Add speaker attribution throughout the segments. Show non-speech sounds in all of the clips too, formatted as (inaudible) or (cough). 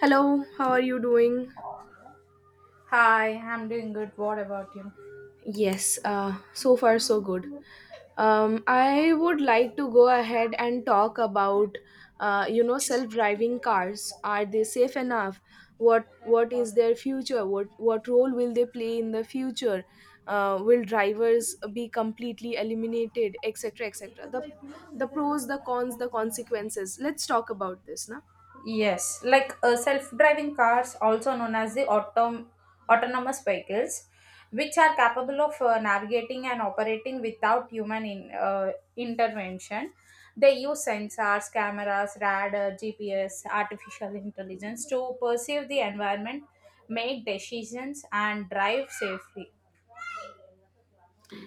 Speaker 1: Hello, how are you doing?
Speaker 2: Hi, I'm doing good. What about you?
Speaker 1: Yes, so far so good. I would like to go ahead and talk about, self-driving cars. Are they safe enough? What is their future? What role will they play in the future? Will drivers be completely eliminated, etc., etc. The pros, the cons, the consequences. Let's talk about this now.
Speaker 2: Self-driving cars, also known as the autonomous vehicles, which are capable of navigating and operating without intervention. They use sensors, cameras, radar, GPS, artificial intelligence to perceive the environment, make decisions, and drive safely.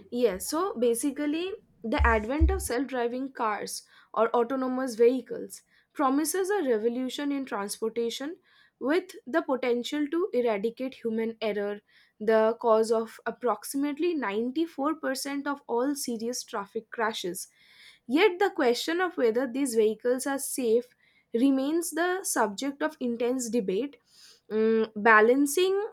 Speaker 1: Yes, so basically, the advent of self driving cars or autonomous vehicles promises a revolution in transportation, with the potential to eradicate human error, the cause of approximately 94% of all serious traffic crashes. Yet, the question of whether these vehicles are safe remains the subject of intense debate, balancing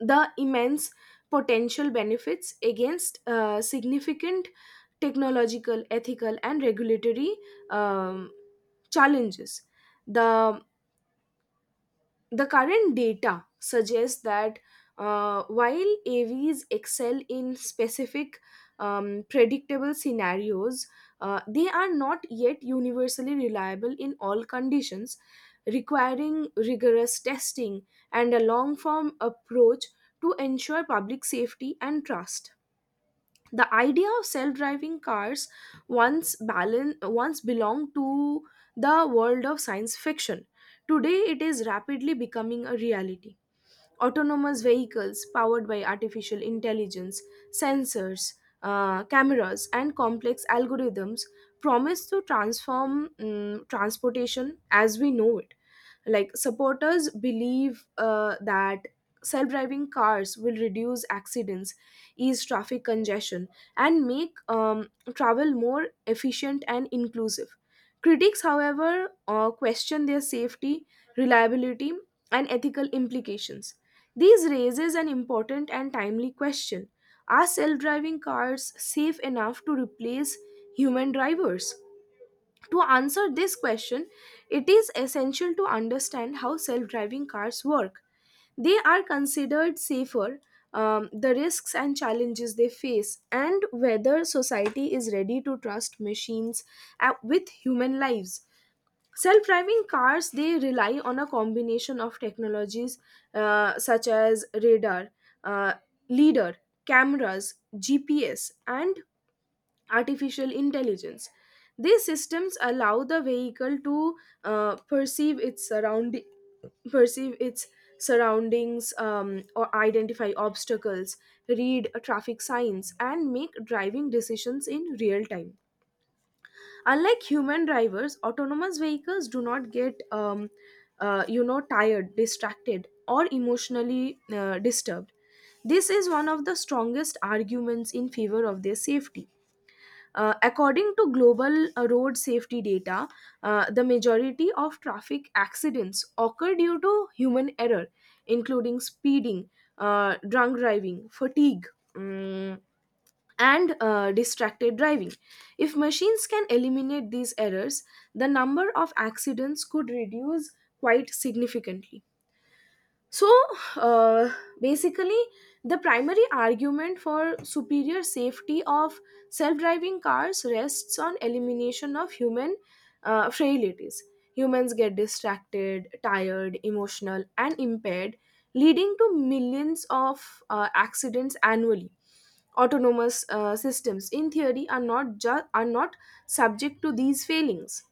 Speaker 1: the immense potential benefits against significant technological, ethical, and regulatory um, challenges. The the current data suggests that, while AVs excel in specific, predictable scenarios, they are not yet universally reliable in all conditions, requiring rigorous testing and a long form approach to ensure public safety and trust. The idea of self-driving cars once belonged to the world of science fiction. Today it is rapidly becoming a reality. Autonomous vehicles powered by artificial intelligence, sensors, cameras, and complex algorithms promise to transform, transportation as we know it. Like, supporters believe that self-driving cars will reduce accidents, ease traffic congestion, and make, travel more efficient and inclusive. Critics, however, question their safety, reliability, and ethical implications. These raises an important and timely question: are self-driving cars safe enough to replace human drivers? To answer this question, it is essential to understand how self driving cars work, they are considered safer, the risks and challenges they face, and whether society is ready to trust machines with human lives. Self driving cars, they rely on a combination of technologies, such as radar, uh, LIDAR, cameras, GPS, and artificial intelligence. These systems allow the vehicle to uh, perceive its surrounding, perceive its surroundings, or identify obstacles, read traffic signs, and make driving decisions in real time. Unlike human drivers, autonomous vehicles do not get tired, distracted, or emotionally disturbed. This is one of the strongest arguments in favor of their safety. According to global road safety data, the majority of traffic accidents occur due to human error, including speeding, drunk driving, fatigue, mm, and distracted driving. If machines can eliminate these errors, the number of accidents could reduce quite significantly. So, uh, basically, the primary argument for superior safety of self-driving cars rests on elimination of human frailties. Humans get distracted, tired, emotional, and impaired, leading to millions of accidents annually. Autonomous systems, in theory, are not subject to these failings,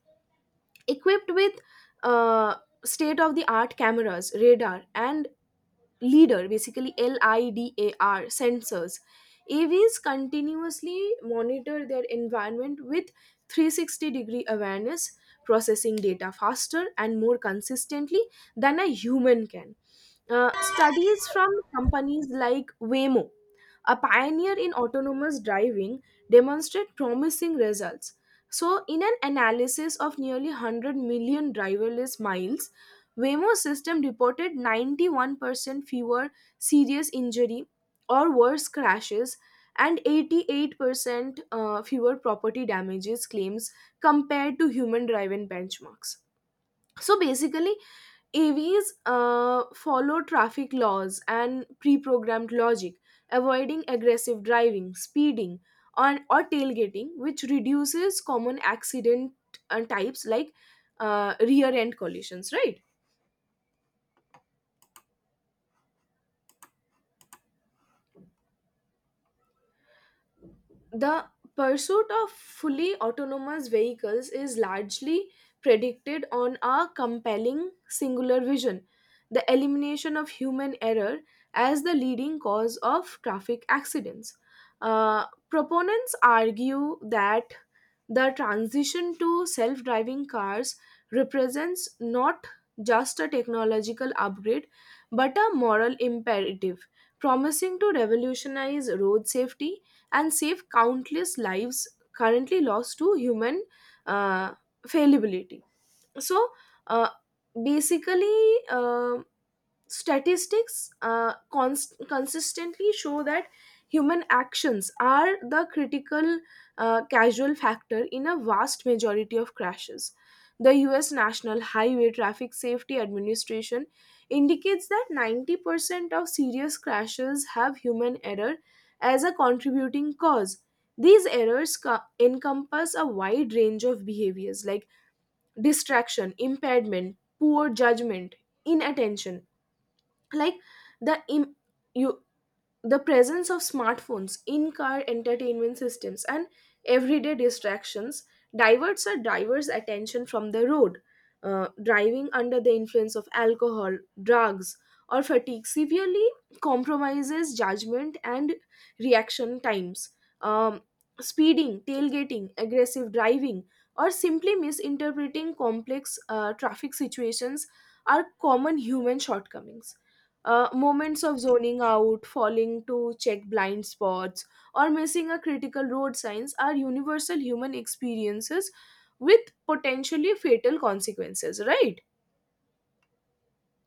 Speaker 1: equipped with uh, state of the art cameras, radar, and LIDAR, basically LIDAR sensors. AVs continuously monitor their environment with 360 degree awareness, processing data faster and more consistently than a human can. Studies from companies like Waymo, a pioneer in autonomous driving, demonstrated promising results. So, in an analysis of nearly 100 million driverless miles, Waymo system reported 91% fewer serious injury or worse crashes, and 88% fewer property damages claims compared to human driven benchmarks. So basically, AVs follow traffic laws and pre programmed logic, avoiding aggressive driving, speeding, on, or tailgating, which reduces common accident types, like rear end collisions, right? The pursuit of fully autonomous vehicles is largely predicated on a compelling singular vision: the elimination of human error as the leading cause of traffic accidents. Uh, Proponents argue that the transition to self-driving cars represents not just a technological upgrade but a moral imperative, promising to revolutionize road safety and save countless lives currently lost to human uh, fallibility. So, uh, basically, statistics consistently show that human actions are the critical casual factor in a vast majority of crashes. The US National Highway Traffic Safety Administration indicates that 90% of serious crashes have human error as a contributing cause. These errors encompass a wide range of behaviors, like distraction, impairment, poor judgment, inattention. Like, the im- you the presence of smartphones, in-car entertainment systems, and everyday distractions diverts attention from the road. Driving under the influence of alcohol, drugs, or fatigue severely compromises judgment and reaction times. Um, Speeding, tailgating, aggressive driving, or simply misinterpreting complex traffic situations are common human shortcomings. Moments of zoning out, falling to check blind spots, or missing a critical road signs are universal human experiences with potentially fatal consequences, right?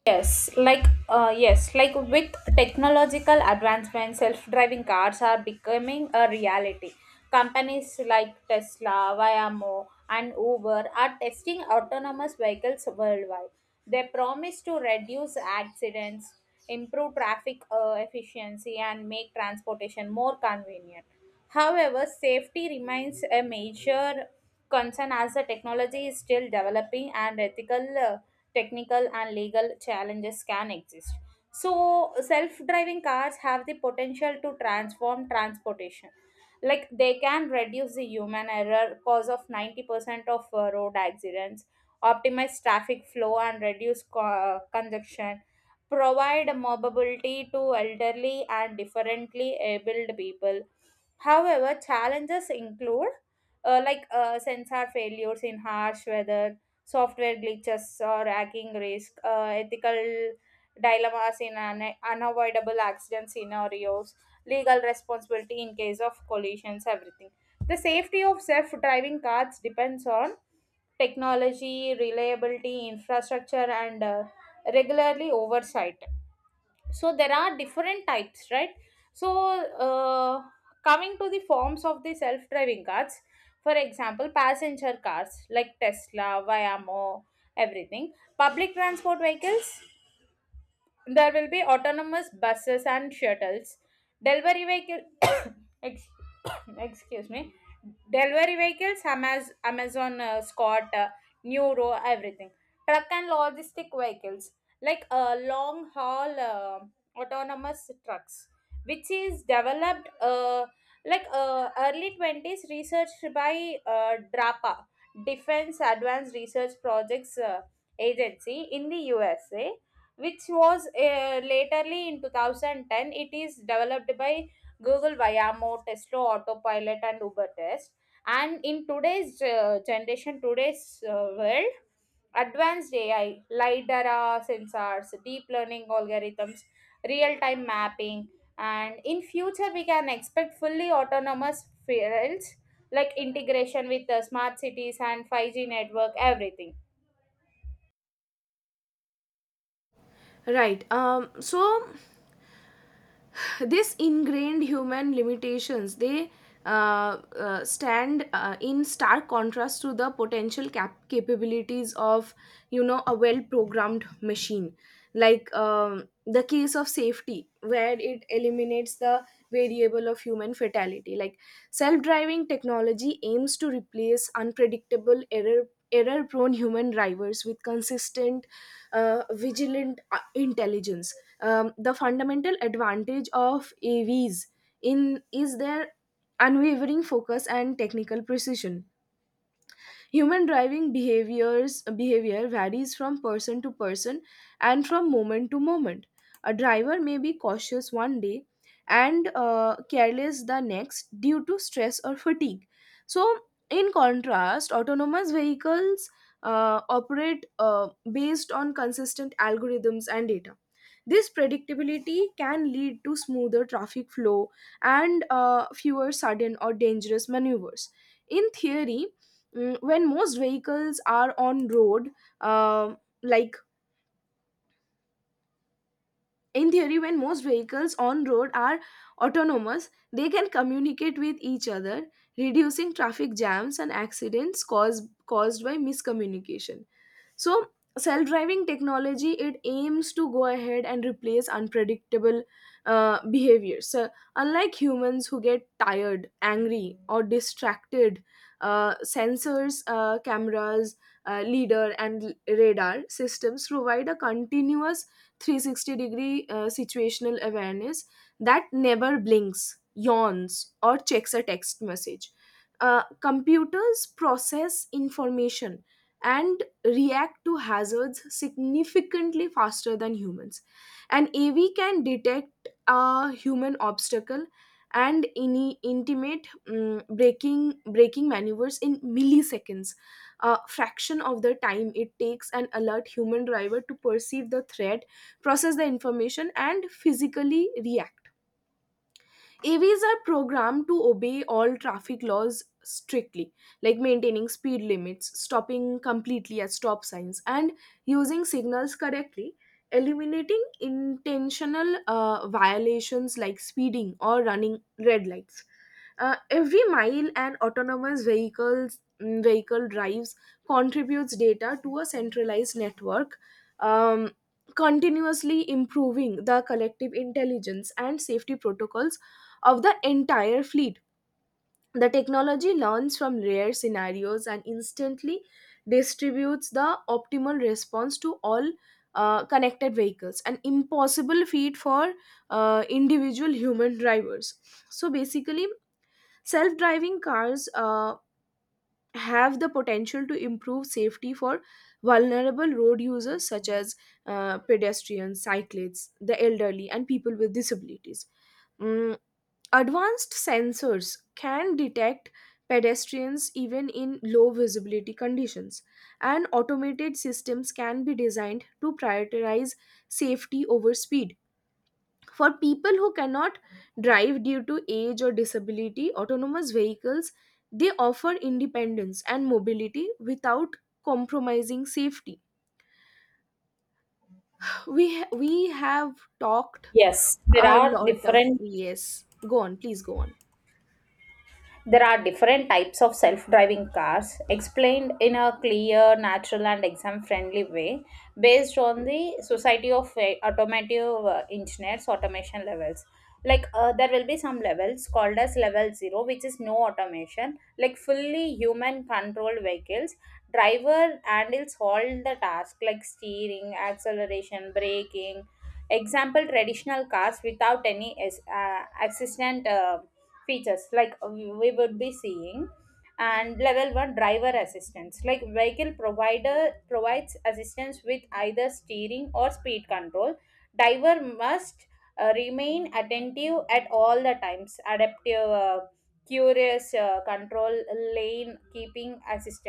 Speaker 2: Yes, like with technological advancement, self-driving cars are becoming a reality. Companies like Tesla, Waymo, and Uber are testing autonomous vehicles worldwide. They promise to reduce accidents, improve traffic efficiency, and make transportation more convenient. However, safety remains a major concern as the technology is still developing and technical, and legal challenges can exist. So, self driving cars have the potential to transform transportation. Like, they can reduce the human error cause of 90% of road accidents, optimize traffic flow, and reduce congestion, provide mobility to elderly and differently abled people. However, challenges include sensor failures in harsh weather, software glitches or hacking risk, ethical dilemmas in unavoidable accident scenarios, legal responsibility in case of collisions, everything. The safety of self driving cars depends on technology, reliability, infrastructure, and regularly oversight. So there are different types, right? So uh, coming to the forms of the self driving cars, for example, passenger cars like Tesla, Waymo, everything. Public transport vehicles, there will be autonomous buses and shuttles. Delivery vehicle, (coughs) ex- (coughs) excuse me, delivery vehicles, Amazon, Scott, Neuro, everything. Truck and logistic vehicles, like long haul autonomous trucks, which is developed early 20s, researched by DRAPA, Defense Advanced Research Projects Agency in the USA, which was laterly in 2010 it is developed by Google, Waymo, Tesla autopilot, and Uber test. And in today's world, advanced AI, lidar sensors, deep learning algorithms, real time mapping. And in future we can expect fully autonomous fields, like integration with the smart cities and 5G network, everything.
Speaker 1: Right. So this ingrained human limitations, they stand in stark contrast to the potential capabilities of, a well programmed machine. Like, the case of safety where it eliminates the variable of human fatality. Like, self driving technology aims to replace unpredictable error prone human drivers with consistent, vigilant intelligence. The fundamental advantage of AVs in is their unwavering focus and technical precision. Human driving behavior varies from person to person and from moment to moment. A driver may be cautious one day and careless the next due to stress or fatigue. So, in contrast, autonomous vehicles operate based on consistent algorithms and data. This predictability can lead to smoother traffic flow and fewer sudden or dangerous maneuvers. In theory, mm, when most vehicles are on road, uh, like in theory, when most vehicles on road are autonomous, they can communicate with each other, reducing traffic jams and accidents caused by miscommunication. So self-driving technology, it aims to go ahead and replace unpredictable behaviors. So unlike humans, who get tired, angry, or distracted, sensors, cameras, leader, and radar systems provide a continuous 360 degree situational awareness that never blinks, yawns, or checks a text message. Computers process information and react to hazards significantly faster than humans. An AV can detect a human obstacle and any intimate, braking maneuvers in milliseconds, a fraction of the time it takes an alert human driver to perceive the threat, process the information, and physically react. AVs are programmed to obey all traffic laws strictly, like maintaining speed limits, stopping completely at stop signs, and using signals correctly, eliminating intentional violations like speeding or running red lights. Every mile an autonomous vehicle drives contributes data to a centralized network. Um, Continuously improving the collective intelligence and safety protocols of the entire fleet, the technology learns from rare scenarios and instantly distributes the optimal response to all connected vehicles, an impossible feat for individual human drivers. So basically, self driving cars have the potential to improve safety for vulnerable road users such as pedestrians, cyclists, the elderly, and people with disabilities. Mm, Advanced sensors can detect pedestrians even in low visibility conditions, and automated systems can be designed to prioritize safety over speed. For people who cannot drive due to age or disability, autonomous vehicles, they offer independence and mobility without compromising safety. We have talked
Speaker 2: yes there
Speaker 1: a
Speaker 2: are
Speaker 1: lot of
Speaker 2: different
Speaker 1: yes. Go on, please go on.
Speaker 2: There are different types of self driving cars explained in a clear, natural, and exam friendly way, based on the Society of Automotive Engineers automation levels. Like, there will be some levels called as level 0, which is no automation, like fully human controlled vehicles. Driver handles all the tasks like steering, acceleration, braking. Example: traditional cars without any assistant. Features like we would be seeing. And level 1, driver assistance, like vehicle provider provides assistance with either steering or speed control. Driver must remain attentive at all the times. Adaptive curious control, lane keeping assist,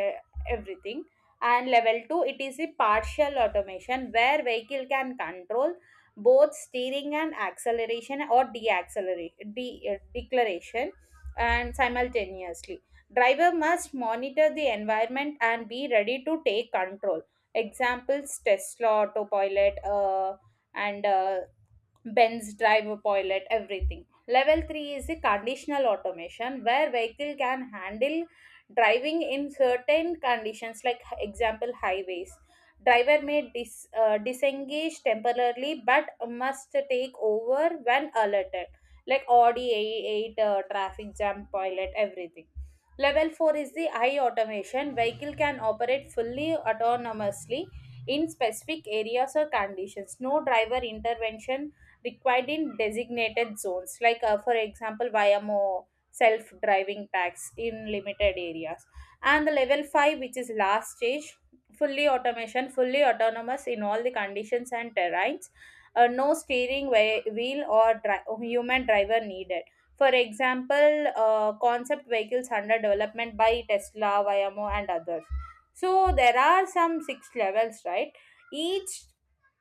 Speaker 2: everything. And level 2, it is a partial automation, where vehicle can control both steering and acceleration, or deaccelerate, declaration, and simultaneously driver must monitor the environment and be ready to take control. Examples, Tesla autopilot and bends, driver pilot, everything. Level 3 is the conditional automation, where vehicle can handle driving in certain conditions, like example highways. Driver may disengage temporarily, but must take over when alerted, like Audi 8 traffic jam pilot, everything. Level 4 is the high automation. Vehicle can operate fully autonomously in specific areas or conditions. No driver intervention required in designated zones, like for example, Vayamo self-driving tax in limited areas. And the level five, which is last stage, fully automation, fully autonomous in all the conditions and terrains. No steering wheel or human driver needed. For example, concept vehicles under development by Tesla, Waymo, and others. So there are some six levels, right? Each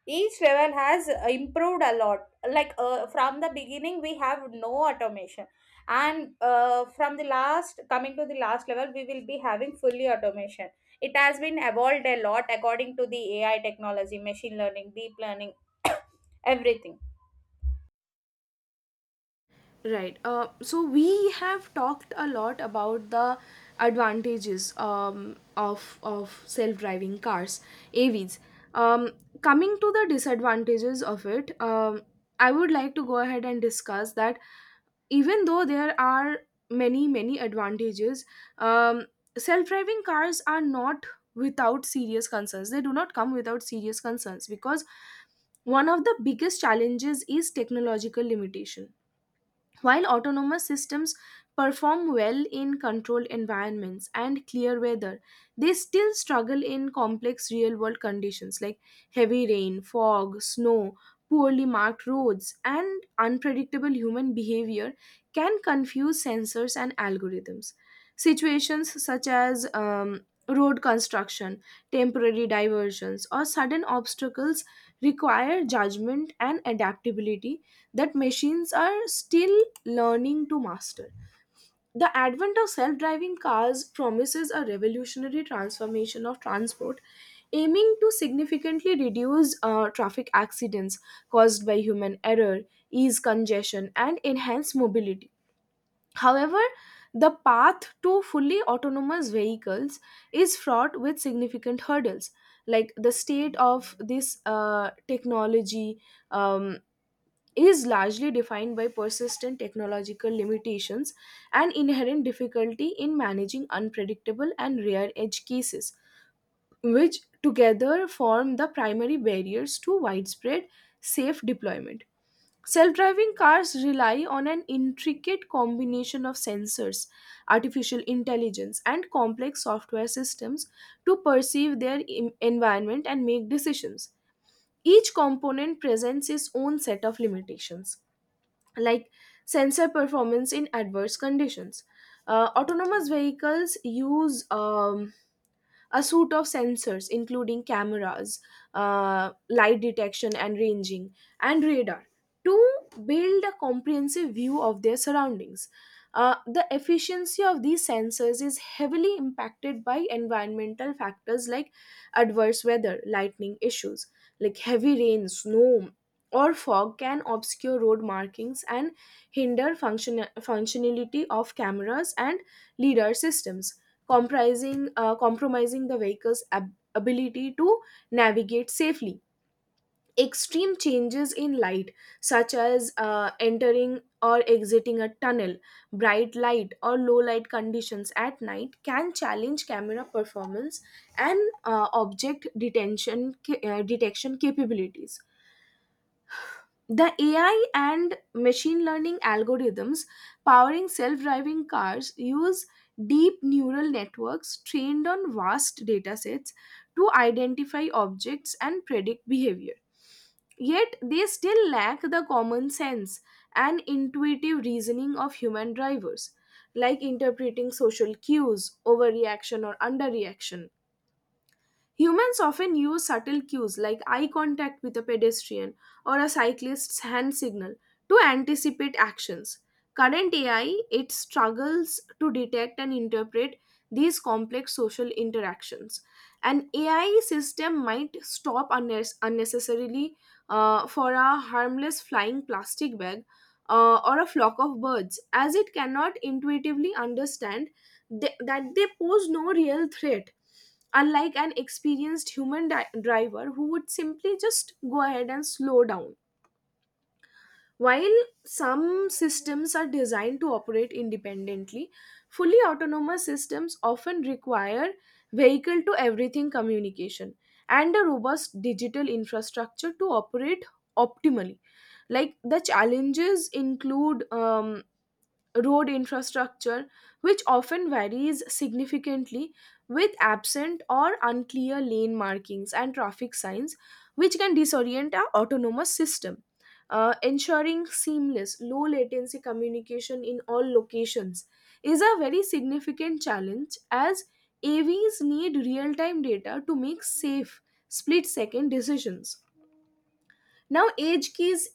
Speaker 2: each level has improved a lot. Like, from the beginning we have no automation, and from the last, coming to the last level, we will be having fully automation. It has been evolved a lot according to the AI technology, machine learning, deep learning, (coughs) everything.
Speaker 1: Right. So we have talked a lot about the advantages, of self-driving cars, A V's. Um, Coming to the disadvantages of it, I would like to go ahead and discuss that even though there are many many advantages, um, self-driving cars are not without serious concerns. They do not come without serious concerns, because one of the biggest challenges is technological limitation. While autonomous systems perform well in controlled environments and clear weather, they still struggle in complex real world conditions, like heavy rain, fog, snow, poorly marked roads, and unpredictable human behavior can confuse sensors and algorithms. Situations such as, road construction, temporary diversions, or sudden obstacles require judgment and adaptability that machines are still learning to master. The advent of self driving cars promises a revolutionary transformation of transport, aiming to significantly reduce traffic accidents caused by human error, ease congestion, and enhance mobility. However, the path to fully autonomous vehicles is fraught with significant hurdles. Like, the state of this technology um, is largely defined by persistent technological limitations and inherent difficulty in managing unpredictable and rare edge cases, which together form the primary barriers to widespread safe deployment. Self driving cars rely on an intricate combination of sensors, artificial intelligence, and complex software systems to perceive their environment and make decisions. Each component presents its own set of limitations, like sensor performance in adverse conditions. Autonomous vehicles use, a suite of sensors, including cameras, light detection and ranging, and radar, to build a comprehensive view of their surroundings. The efficiency of these sensors is heavily impacted by environmental factors like adverse weather, lightning issues, like heavy rain, snow, or fog can obscure road markings and hinder functionality of cameras and lidar systems comprising compromising the vehicle's ability to navigate safely. Extreme changes in light such as entering or exiting a tunnel, bright light or low light conditions at night can challenge camera performance and object detection capabilities. The AI and machine learning algorithms powering self driving cars use deep neural networks trained on vast datasets to identify objects and predict behavior. Yet they still lack the common sense and intuitive reasoning of human drivers, like interpreting social cues, overreaction or underreaction. Humans often use subtle cues like eye contact with a pedestrian or a cyclist's hand signal to anticipate actions. Current AI, it struggles to detect and interpret these complex social interactions. An AI system might stop unnecessarily for a harmless flying plastic bag or a flock of birds, as it cannot intuitively understand that they pose no real threat, unlike an experienced human driver who would simply just go ahead and slow down. While some systems are designed to operate independently, fully autonomous systems often require vehicle to everything communication and a robust digital infrastructure to operate optimally. Like the challenges include road infrastructure, which often varies significantly with absent or unclear lane markings and traffic signs, which can disorient our autonomous system. Ensuring seamless, low latency communication in all locations is a very significant challenge as AVs need real time data to make safe split second decisions. Now, edge case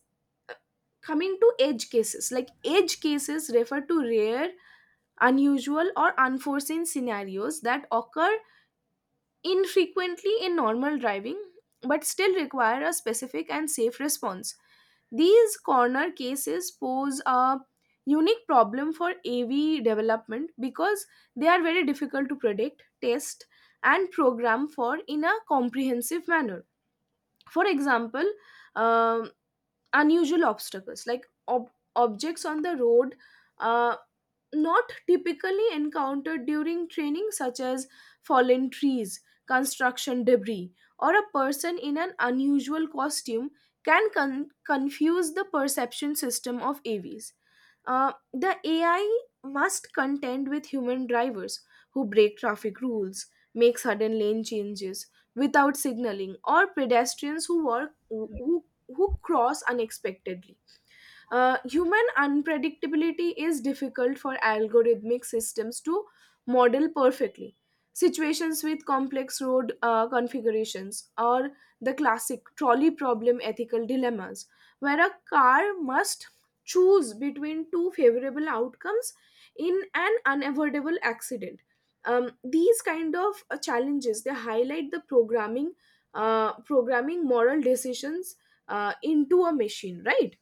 Speaker 1: coming to edge cases, like edge cases refer to rare, unusual or unforeseen scenarios that occur infrequently in normal driving, but still require a specific and safe response. These corner cases pose a unique problem for AV development because they are very difficult to predict, test, and program for in a comprehensive manner. For example, um, unusual obstacles like objects on the road, uh, not typically encountered during training, such as fallen trees, construction debris, or a person in an unusual costume, can confuse the perception system of avs. The AI must contend with human drivers who break traffic rules, make sudden lane changes without signaling, or pedestrians who walk who cross unexpectedly. Human unpredictability is difficult for algorithmic systems to model perfectly. Situations with complex road configurations or the classic trolley problem ethical dilemmas, where a car must choose between two favorable outcomes in an unavoidable accident. These kind of challenges, they highlight the programming moral decisions into a machine, right?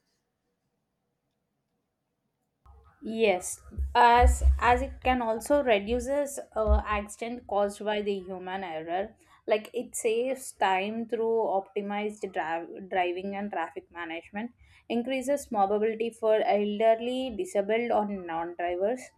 Speaker 2: Yes, as it can also reduces accident caused by the human error. Like, it saves time through optimized driving and traffic management, increases mobility for elderly, disabled, or non-drivers.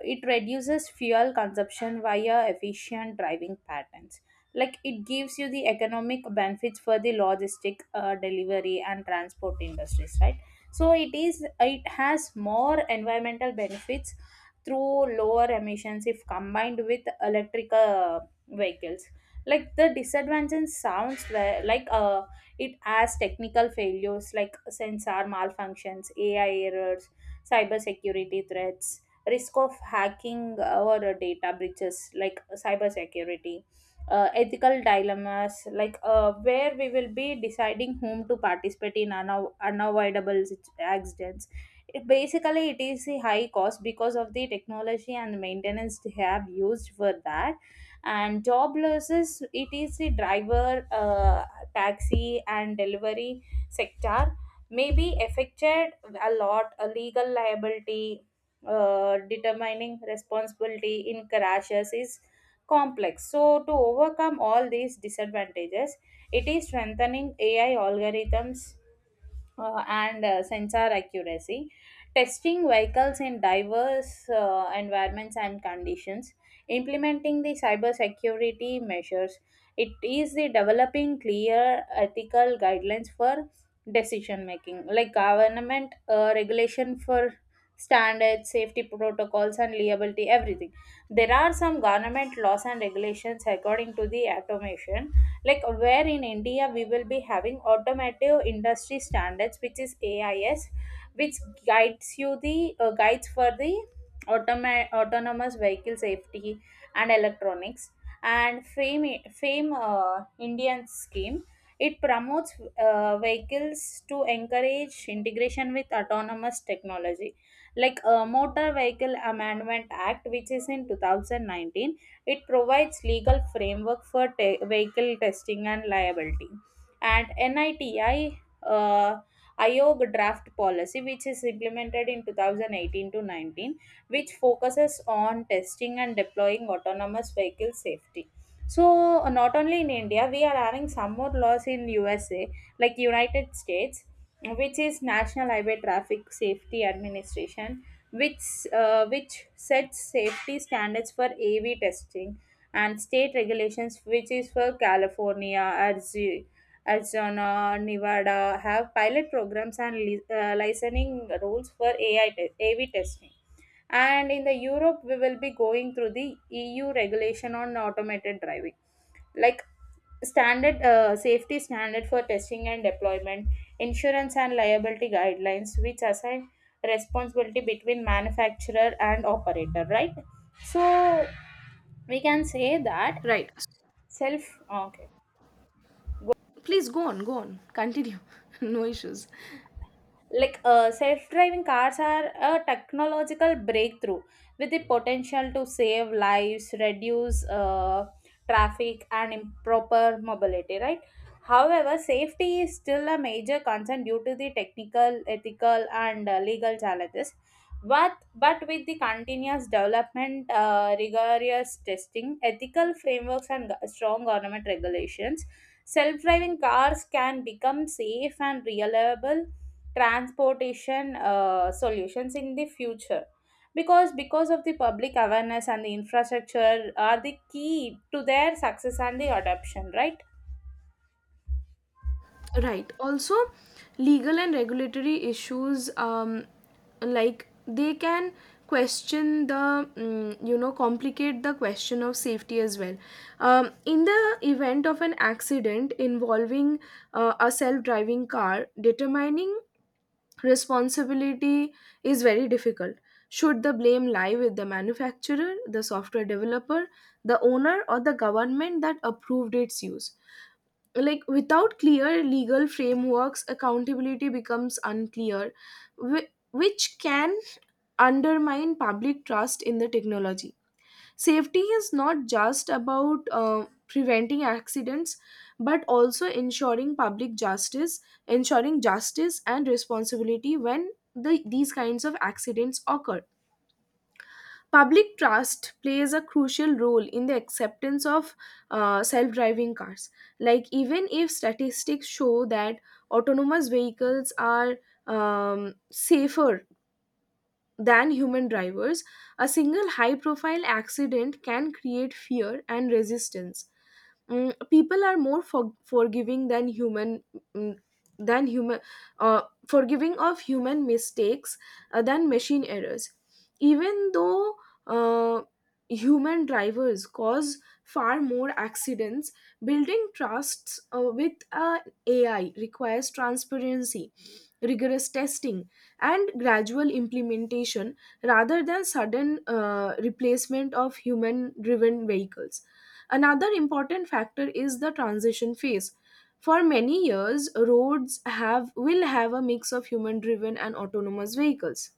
Speaker 2: It reduces fuel consumption via efficient driving patterns. Like, it gives you the economic benefits for the logistic delivery and transport industries, right? So it is, it has more environmental benefits through lower emissions if combined with electrical vehicles. Like, the disadvantage sounds like it has technical failures like sensor malfunctions, AI errors, cyber security threats, risk of hacking or data breaches, like cyber security, ethical dilemmas, where we will be deciding whom to participate in unavoidable accidents. It, basically, it is a high cost because of the technology and maintenance they have used for that. And job losses, it is the driver, taxi and delivery sector may be affected a lot. A legal liability, determining responsibility in crashes is complex. So, to overcome all these disadvantages, it is strengthening AI algorithms and sensor accuracy, testing vehicles in diverse environments and conditions, implementing the cybersecurity measures. It is the developing clear ethical guidelines for decision making, like government regulation for standards, safety protocols, and liability, everything. There are some government laws and regulations according to the automation. Like, where in India we will be having automotive industry standards, which is AIS, which guides you the guides for the automa- autonomous vehicle safety and electronics. And fame Indian scheme, it promotes vehicles to encourage integration with autonomous technology. Like Motor Vehicle Amendment Act, which is in 2019, it provides legal framework for vehicle testing and liability. And NITI uh, IOG draft policy, which is implemented in 2018 to 19, which focuses on testing and deploying autonomous vehicle safety. So, not only in India, we are having some more laws in USA, like United States, which is National Highway Traffic Safety Administration, which sets safety standards for AV testing. And state regulations, which is for California, Arizona, Nevada, have pilot programs and licensing rules for AV testing. And in the Europe we will be going through the EU regulation on automated driving, like standard safety standard for testing and deployment, insurance and liability guidelines, which assign responsibility between manufacturer and operator, right? so we can say that
Speaker 1: Right.
Speaker 2: self okay.
Speaker 1: Please go on, go on, continue. (laughs) No issues.
Speaker 2: Like self-driving cars are a technological breakthrough with the potential to save lives, reduce traffic and improper mobility, right? However, safety is still a major concern due to the technical, ethical, and legal challenges. But with the continuous development, rigorous testing, ethical frameworks, and strong government regulations, self-driving cars can become safe and reliable transportation solutions in the future. Because of the public awareness and the infrastructure are the key to their success and the adoption, right?
Speaker 1: Right. Also, legal and regulatory issues, like they can question the, complicate the question of safety as well. In the event of an accident involving a self driving car, determining responsibility is very difficult. Should the blame lie with the manufacturer, the software developer, the owner, or the government that approved its use? Like, without clear legal frameworks, accountability becomes unclear, which can undermine public trust in the technology. Safety is not just about preventing accidents, but also ensuring public justice, ensuring justice and responsibility when these kinds of accidents occur. Public trust plays a crucial role in the acceptance of self-driving cars. Like even if statistics show that autonomous vehicles are safer than human drivers, a single high profile accident can create fear and resistance. People are more forgiving than human mm, than human uh, forgiving of human mistakes than machine errors, even though uh, human drivers cause far more accidents. Building trusts with ai requires transparency, rigorous testing, and gradual implementation rather than sudden replacement of human driven vehicles. Another important factor is the transition phase. For many years, roads have will have a mix of human driven and autonomous vehicles.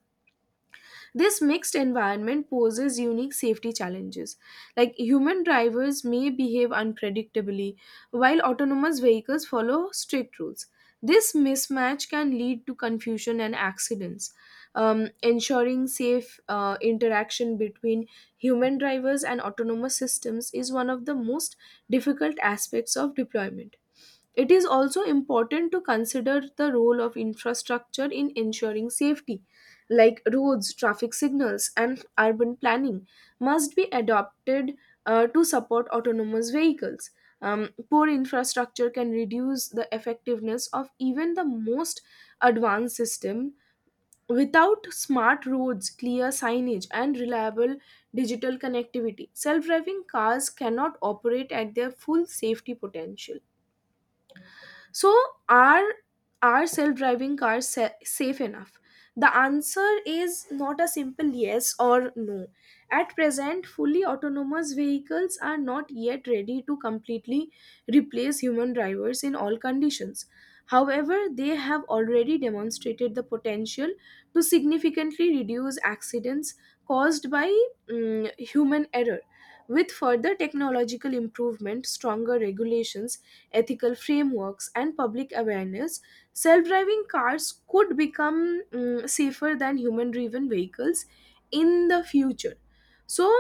Speaker 1: This mixed environment poses unique safety challenges. Like human drivers may behave unpredictably, while autonomous vehicles follow strict rules. This mismatch can lead to confusion and accidents. Ensuring safe interaction between human drivers and autonomous systems is one of the most difficult aspects of deployment. It is also important to consider the role of infrastructure in ensuring safety, like roads, traffic signals, and urban planning, must be adopted to support autonomous vehicles. Poor infrastructure can reduce the effectiveness of even the most advanced system. Without smart roads, clear signage, and reliable digital connectivity, self driving cars cannot operate at their full safety potential. So, are are self-driving cars safe enough? The answer is not a simple yes or no. At present, fully autonomous vehicles are not yet ready to completely replace human drivers in all conditions. However, they have already demonstrated the potential to significantly reduce accidents caused by human error. With further technological improvement, stronger regulations, ethical frameworks, and public awareness, self driving cars could become, safer than human driven vehicles in the future. So,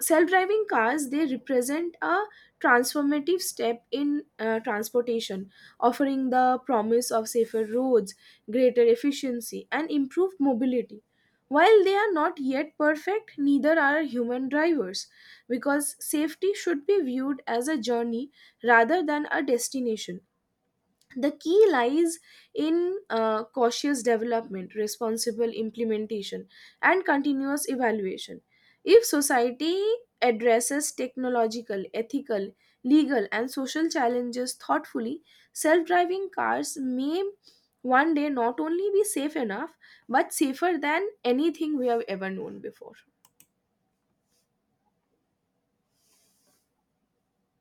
Speaker 1: self driving cars, they represent a transformative step in transportation, offering the promise of safer roads, greater efficiency, and improved mobility. While they are not yet perfect, neither are human drivers, because safety should be viewed as a journey rather than a destination. The key lies in cautious development, responsible implementation, and continuous evaluation. If society addresses technological, ethical, legal, and social challenges thoughtfully, self driving cars may one day not only be safe enough but safer than anything we have ever known before.